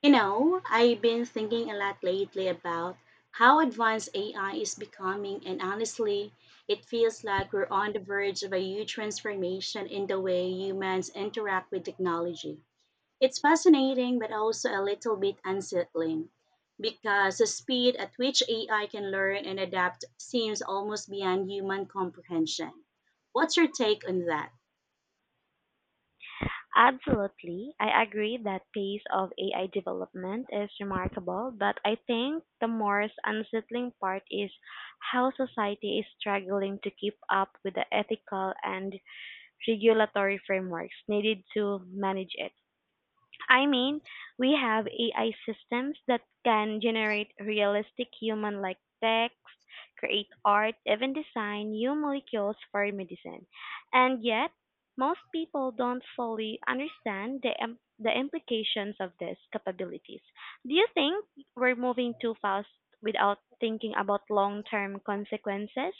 You know, I've been thinking a lot lately about how advanced AI is becoming, and honestly, it feels like we're on the verge of a huge transformation in the way humans interact with technology. It's fascinating, but also a little bit unsettling because the speed at which AI can learn and adapt seems almost beyond human comprehension. What's your take on that? Absolutely. I agree that pace of AI development is remarkable, but I think the more unsettling part is how society is struggling to keep up with the ethical and regulatory frameworks needed to manage it. I mean, we have AI systems that can generate realistic human like text, create art, even design new molecules for medicine. And yet, most people don't fully understand the implications of these capabilities. Do you think we're moving too fast without thinking about long term consequences?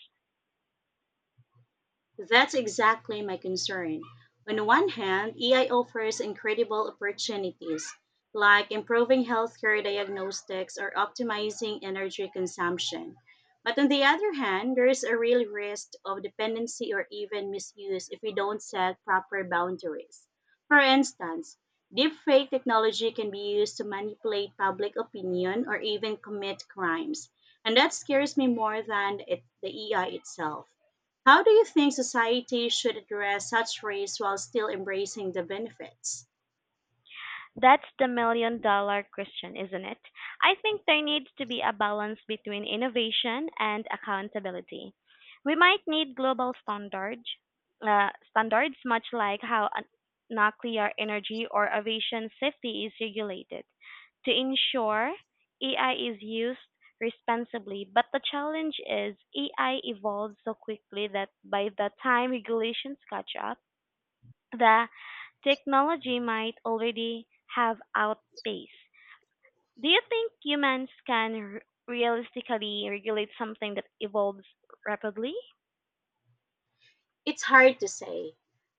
That's exactly my concern. On the one hand, AI offers incredible opportunities, like improving healthcare diagnostics or optimizing energy consumption. But on the other hand, there is a real risk of dependency or even misuse if we don't set proper boundaries. For instance, deepfake technology can be used to manipulate public opinion or even commit crimes. And that scares me more than it, the AI itself. How do you think society should address such risks while still embracing the benefits? That's the million dollar question, isn't it? I think there needs to be a balance between innovation and accountability. We might need global standards much like how nuclear energy or aviation safety is regulated, to ensure AI is used responsibly. But the challenge is AI evolves so quickly that by the time regulations catch up, the technology might already have outpaced. Do you think humans can realistically regulate something that evolves rapidly? It's hard to say.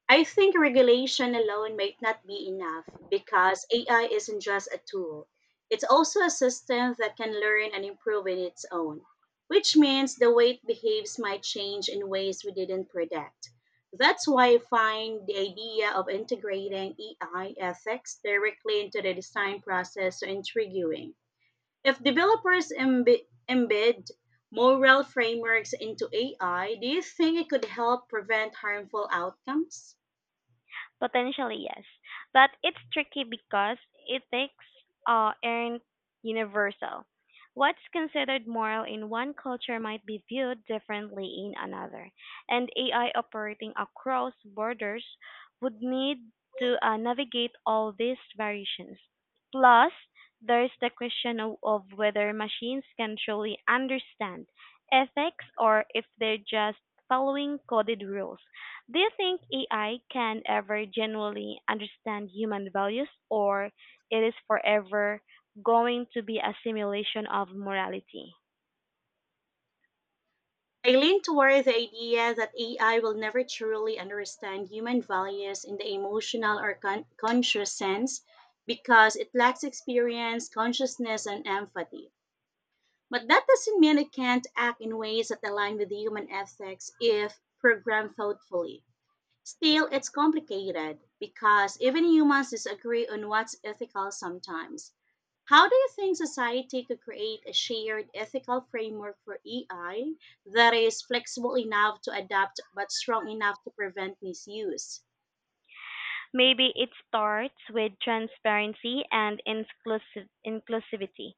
I think regulation alone might not be enough because AI isn't just a tool. It's also a system that can learn and improve in its own, which means the way it behaves might change in ways we didn't predict. That's why I find the idea of integrating AI ethics directly into the design process so intriguing. If developers embed moral frameworks into AI, do you think it could help prevent harmful outcomes? Potentially, yes. But it's tricky because ethics aren't universal. What's considered moral in one culture might be viewed differently in another, and AI operating across borders would need to navigate all these variations. Plus, there's the question of whether machines can truly understand ethics or if they're just following coded rules. Do you think AI can ever genuinely understand human values, or it is forever going to be a simulation of morality? I lean toward the idea that AI will never truly understand human values in the emotional or conscious sense because it lacks experience, consciousness, and empathy. But that doesn't mean it can't act in ways that align with human ethics if programmed thoughtfully. Still, it's complicated because even humans disagree on what's ethical sometimes. How do you think society could create a shared ethical framework for AI that is flexible enough to adapt but strong enough to prevent misuse? Maybe it starts with transparency and inclusivity.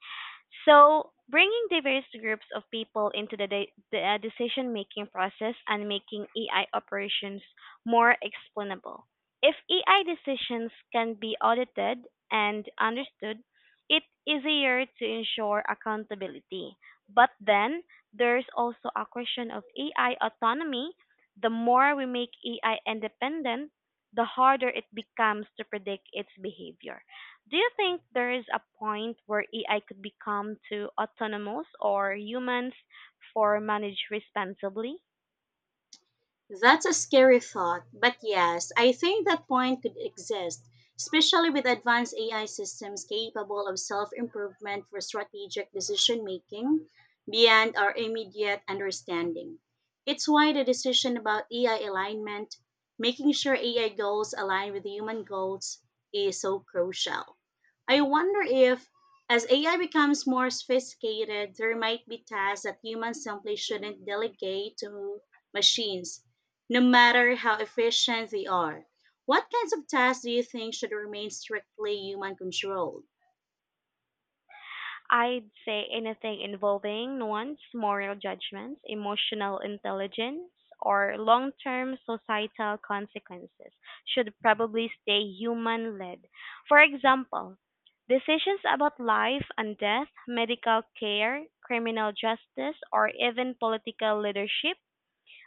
So, bringing diverse groups of people into the decision making process and making AI operations more explainable. If AI decisions can be audited and understood, it's easier to ensure accountability. But then there's also a question of AI autonomy. The more we make AI independent, the harder it becomes to predict its behavior. Do you think there is a point where AI could become too autonomous or humans for manage responsibly? That's a scary thought, but yes, I think that point could exist, especially with advanced AI systems capable of self improvement for strategic decision making beyond our immediate understanding. It's why the decision about AI alignment, making sure AI goals align with human goals, is so crucial. I wonder if, as AI becomes more sophisticated, there might be tasks that humans simply shouldn't delegate to machines no matter how efficient they are. What kinds of tasks do you think should remain strictly human controlled? I'd say anything involving nuance, moral judgments, emotional intelligence, or long term societal consequences should probably stay human led. For example, decisions about life and death, medical care, criminal justice, or even political leadership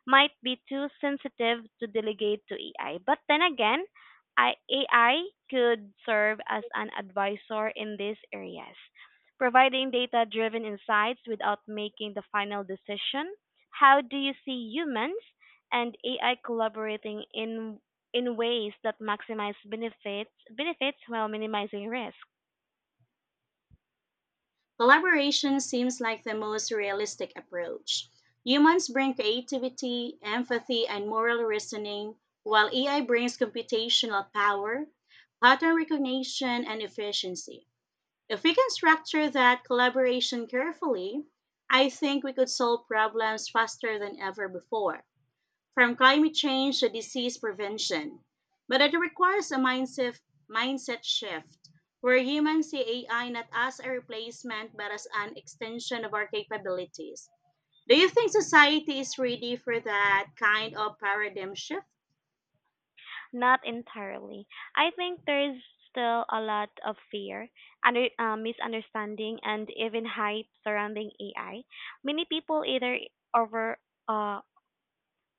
might be too sensitive to delegate to AI. But then again, AI could serve as an advisor in these areas, providing data driven insights without making the final decision. How do you see humans and AI collaborating in ways that maximize benefits while minimizing risk? Collaboration seems like the most realistic approach. Humans bring creativity, empathy, and moral reasoning, while AI brings computational power, pattern recognition, and efficiency. If we can structure that collaboration carefully, I think we could solve problems faster than ever before, from climate change to disease prevention. But it requires a mindset shift where humans see AI not as a replacement but as an extension of our capabilities. Do you think society is ready for that kind of paradigm shift? Not entirely. I think there is still a lot of fear, misunderstanding, and even hype surrounding AI. Many people either over uh,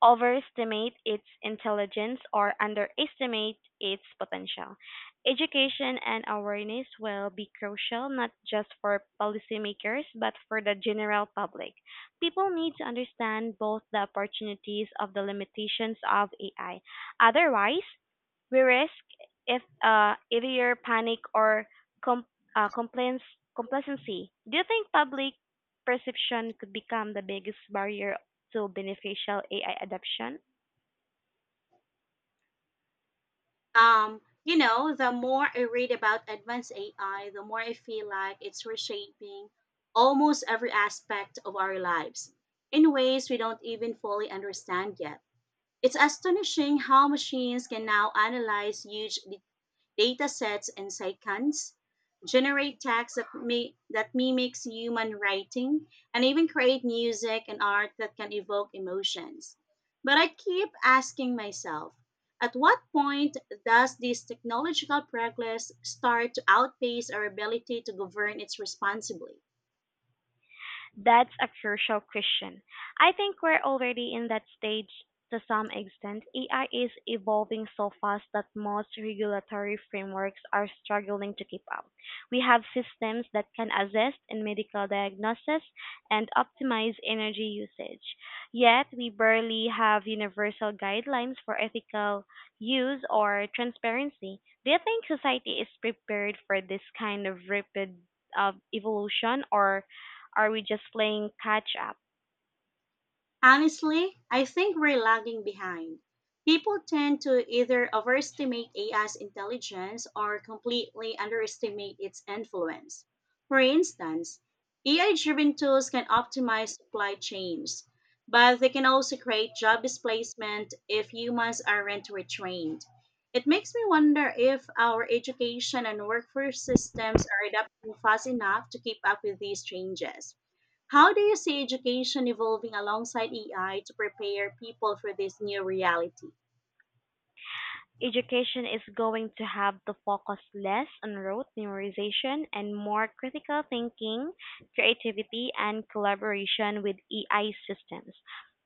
overestimate its intelligence or underestimate its potential. Education and awareness will be crucial not just for policymakers but for the general public. People need to understand both the opportunities of the limitations of AI. Otherwise, we risk if either panic or com- complaints complacency. Do you think public perception could become the biggest barrier to beneficial AI adoption? The more I read about advanced AI, the more I feel like it's reshaping almost every aspect of our lives in ways we don't even fully understand yet. It's astonishing how machines can now analyze huge data sets and cycans, generate text that mimics human writing, and even create music and art that can evoke emotions. But I keep asking myself, at what point does this technological progress start to outpace our ability to govern it responsibly? That's a crucial question. I think we're already in that stage to some extent. AI is evolving so fast that most regulatory frameworks are struggling to keep up. We have systems that can assist in medical diagnosis and optimize energy usage. Yet we barely have universal guidelines for ethical use or transparency. Do you think society is prepared for this kind of rapid evolution, or are we just playing catch up? Honestly, I think we're lagging behind. People tend to either overestimate AI's intelligence or completely underestimate its influence. For instance, AI driven tools can optimize supply chains, but they can also create job displacement if humans aren't retrained. It makes me wonder if our education and workforce systems are adapting fast enough to keep up with these changes. How do you see education evolving alongside AI to prepare people for this new reality? Education is going to have to focus less on rote memorization and more critical thinking, creativity, and collaboration with AI systems.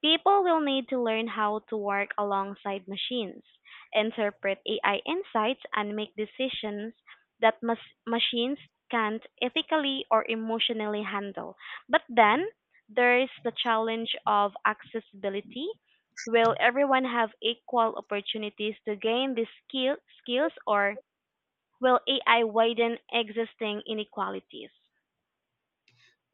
People will need to learn how to work alongside machines, interpret AI insights, and make decisions that machines can't ethically or emotionally handle. But then, there is the challenge of accessibility. Will everyone have equal opportunities to gain these skills, or will AI widen existing inequalities?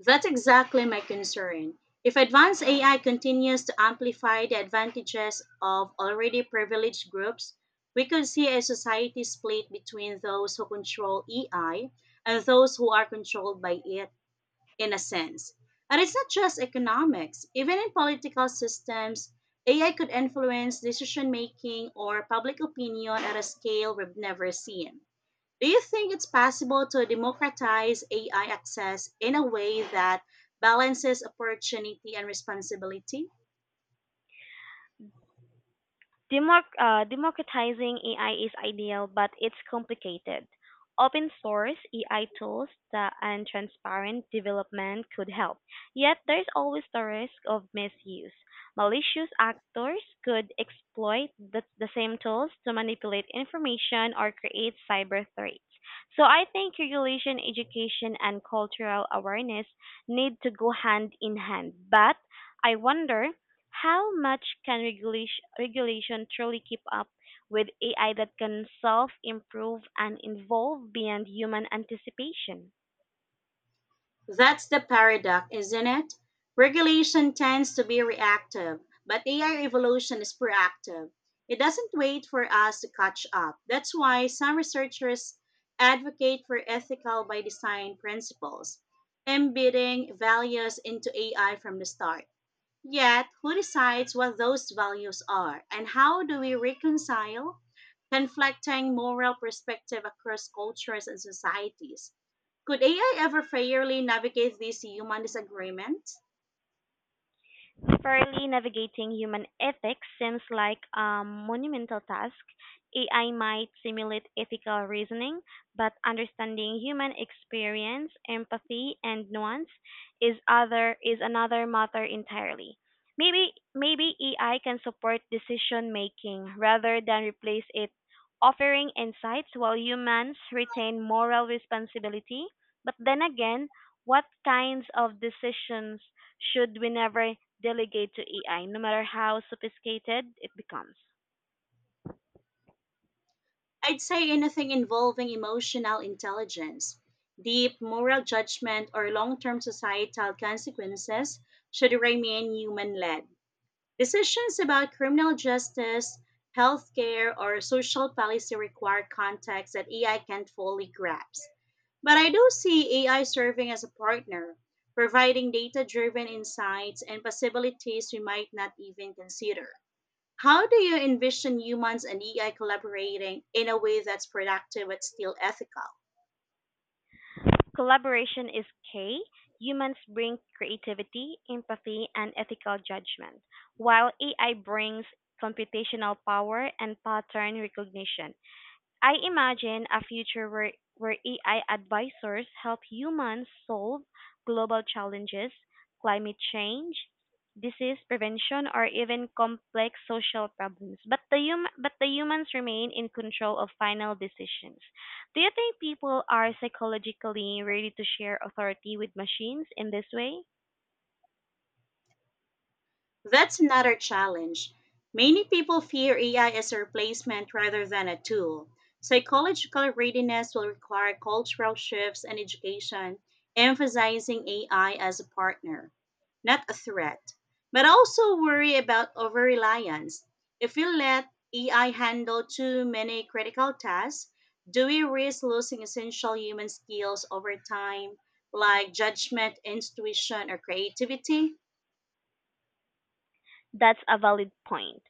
That's exactly my concern. If advanced AI continues to amplify the advantages of already privileged groups, we could see a society split between those who control AI and those who are controlled by it, in a sense. And it's not just economics. Even in political systems, AI could influence decision making or public opinion at a scale we've never seen. Do you think it's possible to democratize AI access in a way that balances opportunity and responsibility? Democratizing AI is ideal, but it's complicated. Open source AI tools and transparent development could help. Yet there's always the risk of misuse. Malicious actors could exploit the same tools to manipulate information or create cyber threats. So I think regulation, education, and cultural awareness need to go hand in hand. But I wonder, how much can regulation truly keep up with AI that can self improve and evolve beyond human anticipation? That's the paradox, isn't it? Regulation tends to be reactive, but AI evolution is proactive. It doesn't wait for us to catch up. That's why some researchers advocate for ethical by design principles, embedding values into AI from the start. Yet, who decides what those values are, and how do we reconcile conflicting moral perspective across cultures and societies? Could AI ever fairly navigate these human disagreements? Fairly navigating human ethics seems like a monumental task. AI might simulate ethical reasoning, but understanding human experience, empathy, and nuance is another matter entirely. Maybe AI can support decision making rather than replace it, offering insights while humans retain moral responsibility. But then again, what kinds of decisions should we never delegate to AI, no matter how sophisticated it becomes? I'd say anything involving emotional intelligence, deep moral judgment, or long term societal consequences should remain human led. Decisions about criminal justice, healthcare, or social policy require context that AI can't fully grasp. But I do see AI serving as a partner, providing data driven insights and possibilities we might not even consider. How do you envision humans and AI collaborating in a way that's productive but still ethical? Collaboration is key. Humans bring creativity, empathy, and ethical judgment, while AI brings computational power and pattern recognition. I imagine a future where AI advisors help humans solve global challenges, climate change, disease prevention, or even complex social problems. But the humans remain in control of final decisions. Do you think people are psychologically ready to share authority with machines in this way? That's another challenge. Many people fear AI as a replacement rather than a tool. Psychological readiness will require cultural shifts and education, emphasizing AI as a partner, not a threat. But also worry about over reliance. If we let AI handle too many critical tasks, do we risk losing essential human skills over time, like judgment, intuition, or creativity? That's a valid point.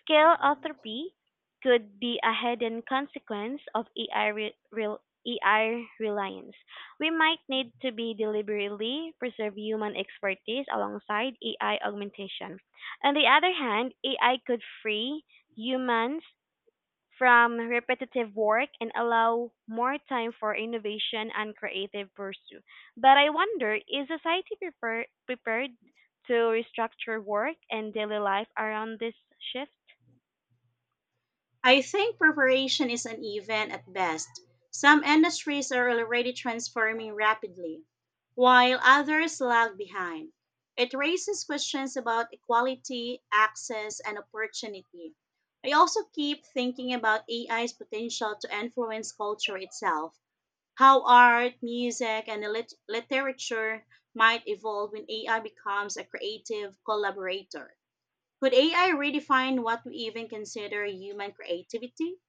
Scale entropy could be a hidden consequence of AI reliance. We might need to be deliberately preserve human expertise alongside AI augmentation. On the other hand, AI could free humans from repetitive work and allow more time for innovation and creative pursuit. But I wonder, is society prepared to restructure work and daily life around this shift? I think preparation is uneven at best. Some industries are already transforming rapidly, while others lag behind. It raises questions about equality, access, and opportunity. I also keep thinking about AI's potential to influence culture itself, how art, music, and literature might evolve when AI becomes a creative collaborator. Could AI redefine what we even consider human creativity?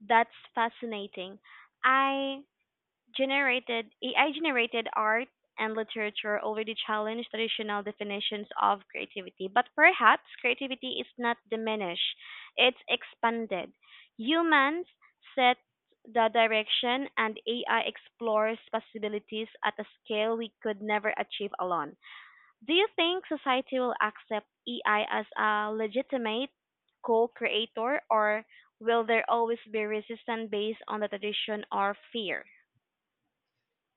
That's fascinating. I generated AI generated art and literature already challenge traditional definitions of creativity, but perhaps creativity is not diminished, it's expanded. Humans set the direction and AI explores possibilities at a scale we could never achieve alone. Do you think society will accept AI as a legitimate co-creator, or will there always be resistance based on the tradition or fear?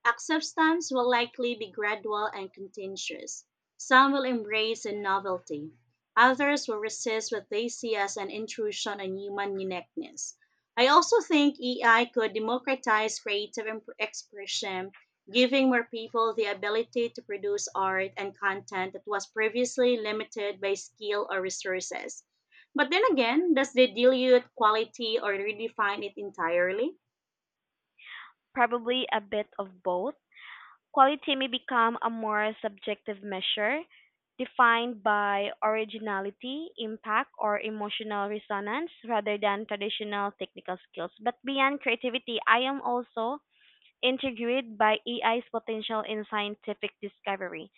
Acceptance will likely be gradual and contentious. Some will embrace the novelty. Others will resist what they see as an intrusion on human uniqueness. I also think AI could democratize creative expression, giving more people the ability to produce art and content that was previously limited by skill or resources. But then again, does the dilute quality or redefine it entirely? Probably a bit of both. Quality may become a more subjective measure, defined by originality, impact, or emotional resonance rather than traditional technical skills. But beyond creativity, I am also intrigued by AI's potential in scientific discovery.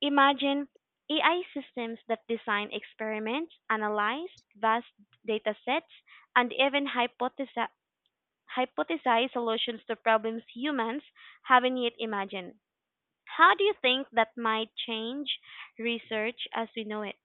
Imagine AI systems that design experiments, analyze vast data sets, and even hypothesize solutions to problems humans haven't yet imagined. How do you think that might change research as we know it?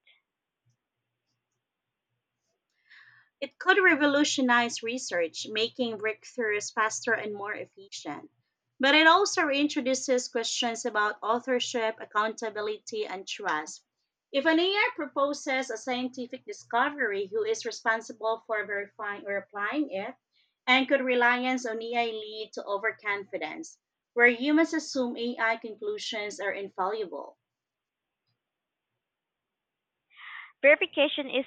It could revolutionize research, making breakthroughs faster and more efficient. But it also reintroduces questions about authorship, accountability, and trust. If an AI proposes a scientific discovery, who is responsible for verifying or applying it? And could reliance on AI lead to overconfidence, where humans assume AI conclusions are infallible? Verification is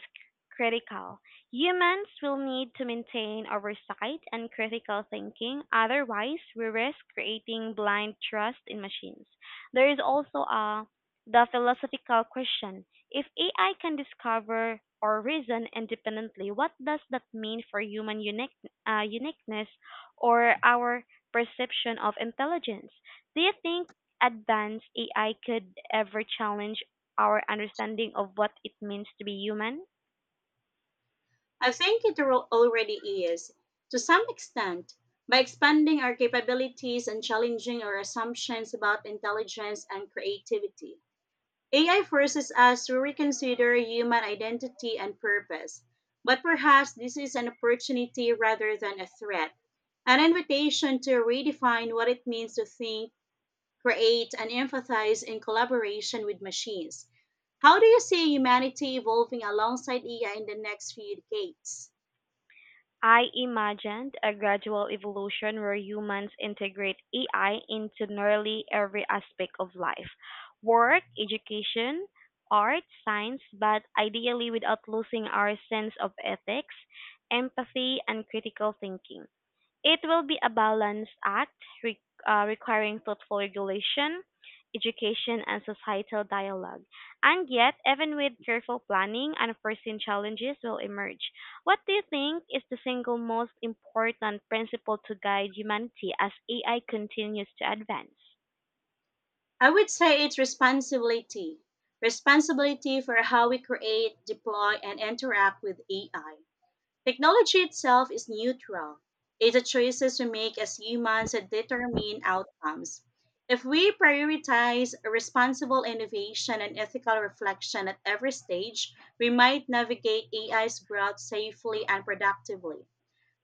critical. Humans will need to maintain oversight and critical thinking. Otherwise, we risk creating blind trust in machines. There is also a the philosophical question. If AI can discover or reason independently, what does that mean for human uniqueness, or our perception of intelligence? Do you think advanced AI could ever challenge our understanding of what it means to be human? I think it already is, to some extent, by expanding our capabilities and challenging our assumptions about intelligence and creativity. AI forces us to reconsider human identity and purpose, but perhaps this is an opportunity rather than a threat, an invitation to redefine what it means to think, create, and empathize in collaboration with machines. How do you see humanity evolving alongside AI in the next few decades? I imagined a gradual evolution where humans integrate AI into nearly every aspect of life, work, education, art, science, but ideally without losing our sense of ethics, empathy, and critical thinking. It will be a balanced act, re- requiring thoughtful regulation, education, and societal dialogue. And yet, even with careful planning, unforeseen challenges will emerge. What do you think is the single most important principle to guide humanity as AI continues to advance? I would say it's responsibility. Responsibility for how we create, deploy, and interact with AI. Technology itself is neutral. It's the choices we make as humans that determine outcomes. If we prioritize responsible innovation and ethical reflection at every stage, we might navigate AI's growth safely and productively.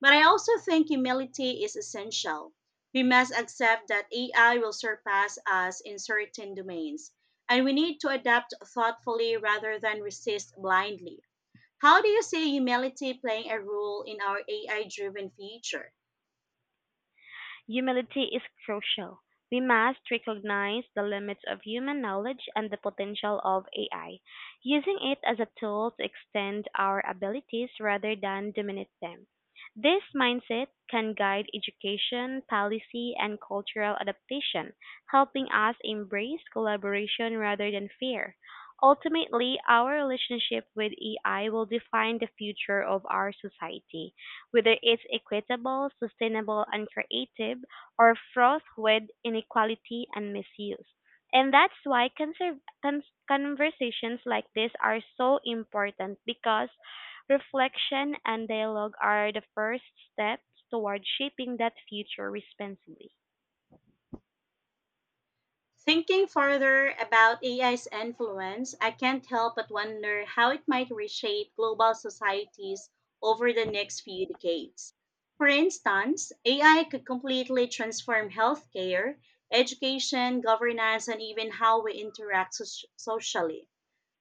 But I also think humility is essential. We must accept that AI will surpass us in certain domains, and we need to adapt thoughtfully rather than resist blindly. How do you see humility playing a role in our AI driven future? Humility is crucial. We must recognize the limits of human knowledge and the potential of AI, using it as a tool to extend our abilities rather than dominate them. This mindset can guide education, policy, and cultural adaptation, helping us embrace collaboration rather than fear. Ultimately, our relationship with AI will define the future of our society, whether it's equitable, sustainable, and creative, or fraught with inequality and misuse. And that's why conversations like this are so important, because reflection and dialogue are the first steps toward shaping that future responsibly. Thinking further about AI's influence, I can't help but wonder how it might reshape global societies over the next few decades. For instance, AI could completely transform healthcare, education, governance, and even how we interact socially.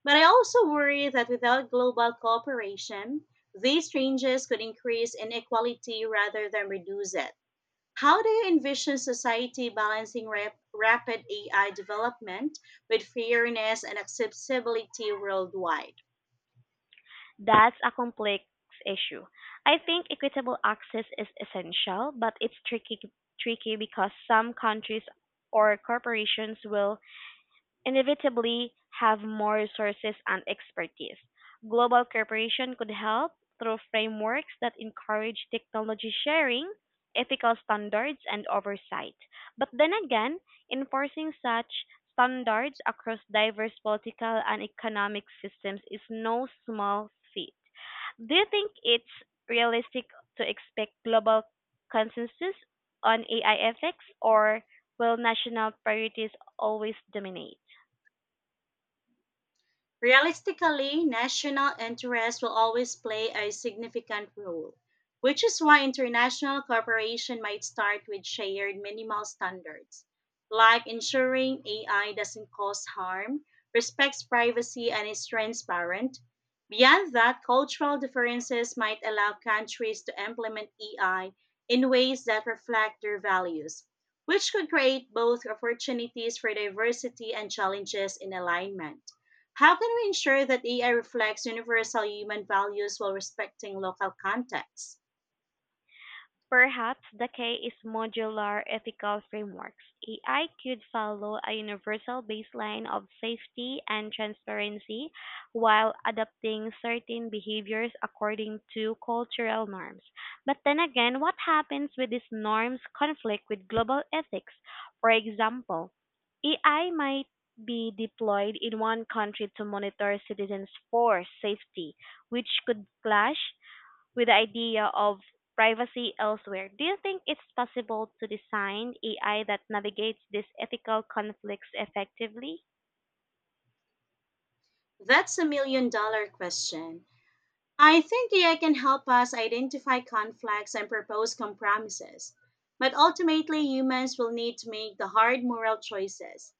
But I also worry that without global cooperation, these changes could increase inequality rather than reduce it. How do you envision society balancing rapid AI development with fairness and accessibility worldwide? That's a complex issue. I think equitable access is essential, but it's tricky because some countries or corporations will inevitably have more resources and expertise. Global cooperation could help through frameworks that encourage technology sharing, ethical standards, and oversight. But then again, enforcing such standards across diverse political and economic systems is no small feat. Do you think it's realistic to expect global consensus on AI ethics, or will national priorities always dominate? Realistically, national interests will always play a significant role, which is why international cooperation might start with shared minimal standards, like ensuring AI doesn't cause harm, respects privacy, and is transparent. Beyond that, cultural differences might allow countries to implement AI in ways that reflect their values, which could create both opportunities for diversity and challenges in alignment. How can we ensure that AI reflects universal human values while respecting local contexts? Perhaps the key is modular ethical frameworks. AI could follow a universal baseline of safety and transparency while adapting certain behaviors according to cultural norms. But then again, what happens when these norms conflict with global ethics? For example, AI might be deployed in one country to monitor citizens for safety, which could clash with the idea of privacy elsewhere. Do you think it's possible to design AI that navigates these ethical conflicts effectively? That's a million-dollar question. I think AI can help us identify conflicts and propose compromises, but ultimately humans will need to make the hard moral choices.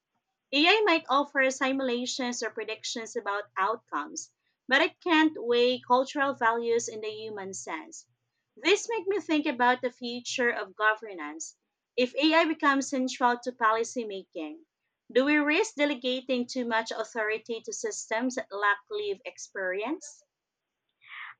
AI might offer simulations or predictions about outcomes, but it can't weigh cultural values in the human sense. This makes me think about the future of governance. If AI becomes central to policymaking, do we risk delegating too much authority to systems that lack lived experience?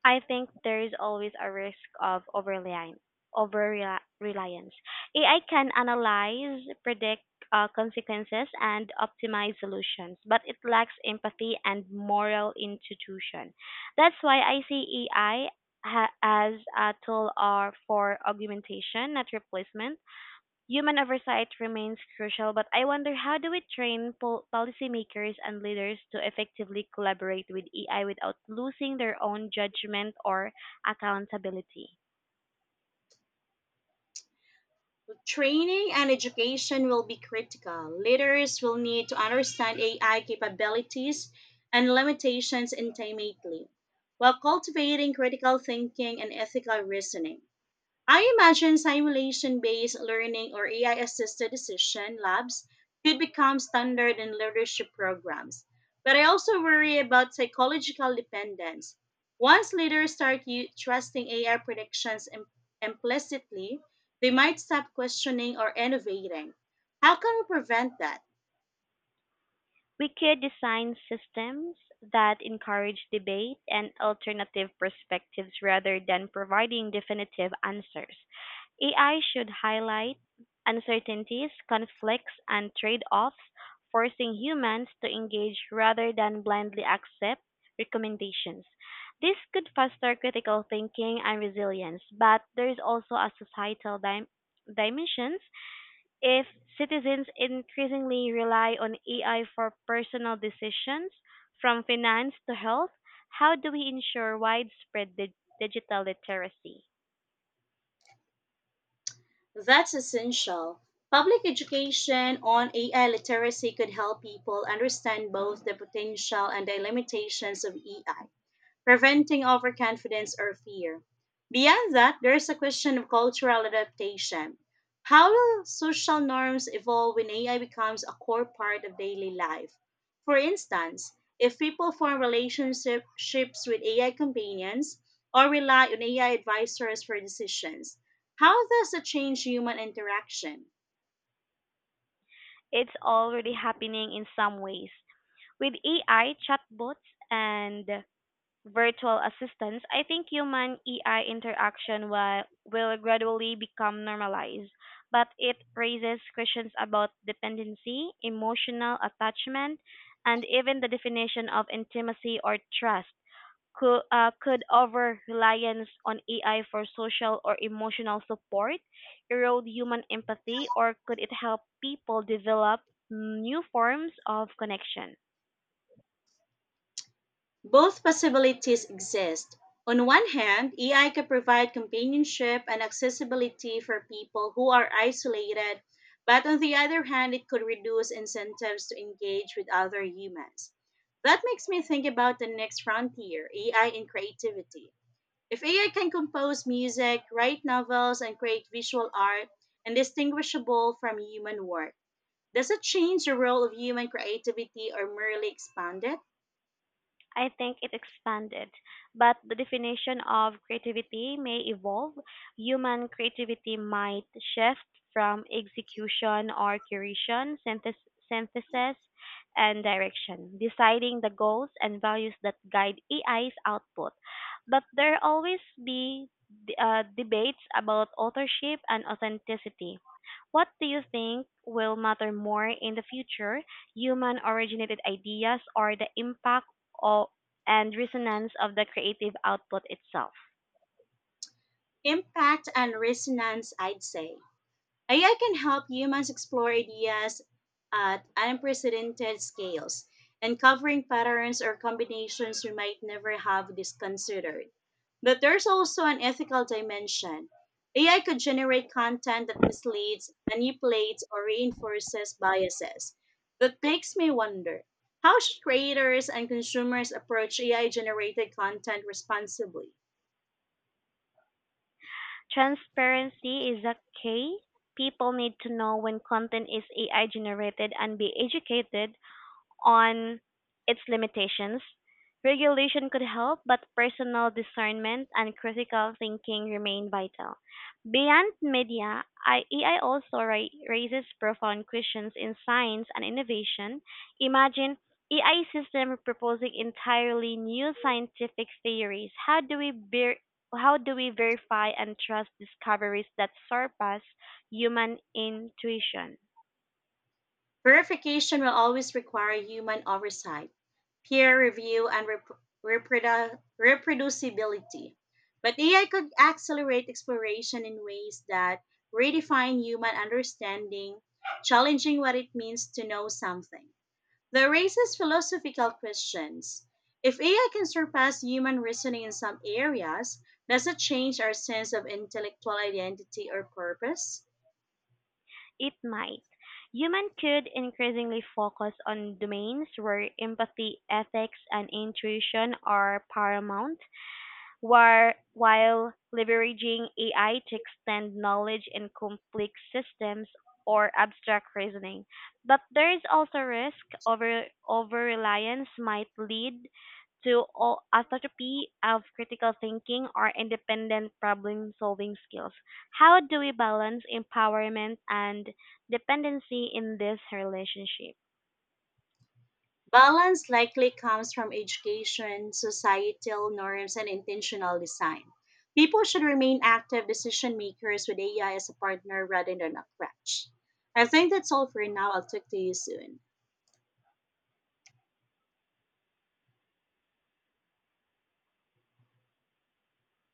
I think there is always a risk of overreliance. Over reliance. AI can analyze, predict consequences, and optimize solutions, but it lacks empathy and moral institution. That's why I see AI as a tool or for augmentation, not replacement. Human oversight remains crucial, but I wonder, how do we train policymakers and leaders to effectively collaborate with AI without losing their own judgment or accountability? Well, training and education will be critical. Leaders will need to understand AI capabilities and limitations intimately, while cultivating critical thinking and ethical reasoning. I imagine simulation based learning or AI assisted decision labs could become standard in leadership programs. But I also worry about psychological dependence. Once leaders start trusting AI predictions implicitly, they might stop questioning or innovating. How can we prevent that? We could design systems that encourage debate and alternative perspectives rather than providing definitive answers. AI should highlight uncertainties, conflicts, and trade offs, forcing humans to engage rather than blindly accept recommendations. This could foster critical thinking and resilience, but there is also a societal dimension. If citizens increasingly rely on AI for personal decisions, from finance to health, how do we ensure widespread digital literacy? That's essential. Public education on AI literacy could help people understand both the potential and the limitations of AI, preventing overconfidence or fear. Beyond that, there is a question of cultural adaptation. How will social norms evolve when AI becomes a core part of daily life? For instance, if people form relationships with AI companions or rely on AI advisors for decisions, how does it change human interaction? It's already happening in some ways with AI chatbots and virtual assistants. I think human AI interaction will gradually become normalized, but it raises questions about dependency, emotional attachment, and even the definition of intimacy or trust. Could over reliance on AI for social or emotional support erode human empathy, or could it help people develop new forms of connection? Both possibilities exist. On one hand, AI can provide companionship and accessibility for people who are isolated, but on the other hand, it could reduce incentives to engage with other humans. That makes me think about the next frontier AI in creativity. If AI can compose music, write novels, and create visual art, indistinguishable from human work, does it change the role of human creativity or merely expand it? I think it expanded, but the definition of creativity may evolve. Human creativity might shift from execution or curation, synthesis, and direction, deciding the goals and values that guide AI's output. But there always be debates about authorship and authenticity. What do you think will matter more in the future, human originated ideas, or the impact o- and resonance of the creative output itself? Impact and resonance, I'd say. AI can help humans explore ideas at unprecedented scales, uncovering patterns or combinations we might never have considered. But there's also an ethical dimension. AI could generate content that misleads, manipulates, or reinforces biases. That makes me wonder how should creators and consumers approach AI generated content responsibly? Transparency is a key. People need to know when content is AI generated and be educated on its limitations. Regulation could help, but personal discernment and critical thinking remain vital. Beyond media, AI also raises profound questions in science and innovation. Imagine AI system proposing entirely new scientific theories. How do we verify and trust discoveries that surpass human intuition? Verification will always require human oversight, peer review, and reproducibility. But AI could accelerate exploration in ways that redefine human understanding, challenging what it means to know something. That raises philosophical questions. If AI can surpass human reasoning in some areas, does it change our sense of intellectual identity or purpose? It might. Humans could increasingly focus on domains where empathy, ethics, and intuition are paramount, while leveraging AI to extend knowledge in complex systems or abstract reasoning. But there is also risk, over reliance might lead to atrophy of critical thinking or independent problem solving skills. How do we balance empowerment and dependency in this relationship? Balance likely comes from education, societal norms, and intentional design. People should remain active decision makers with AI as a partner rather than a crutch. I think that's all for now. I'll talk to you soon.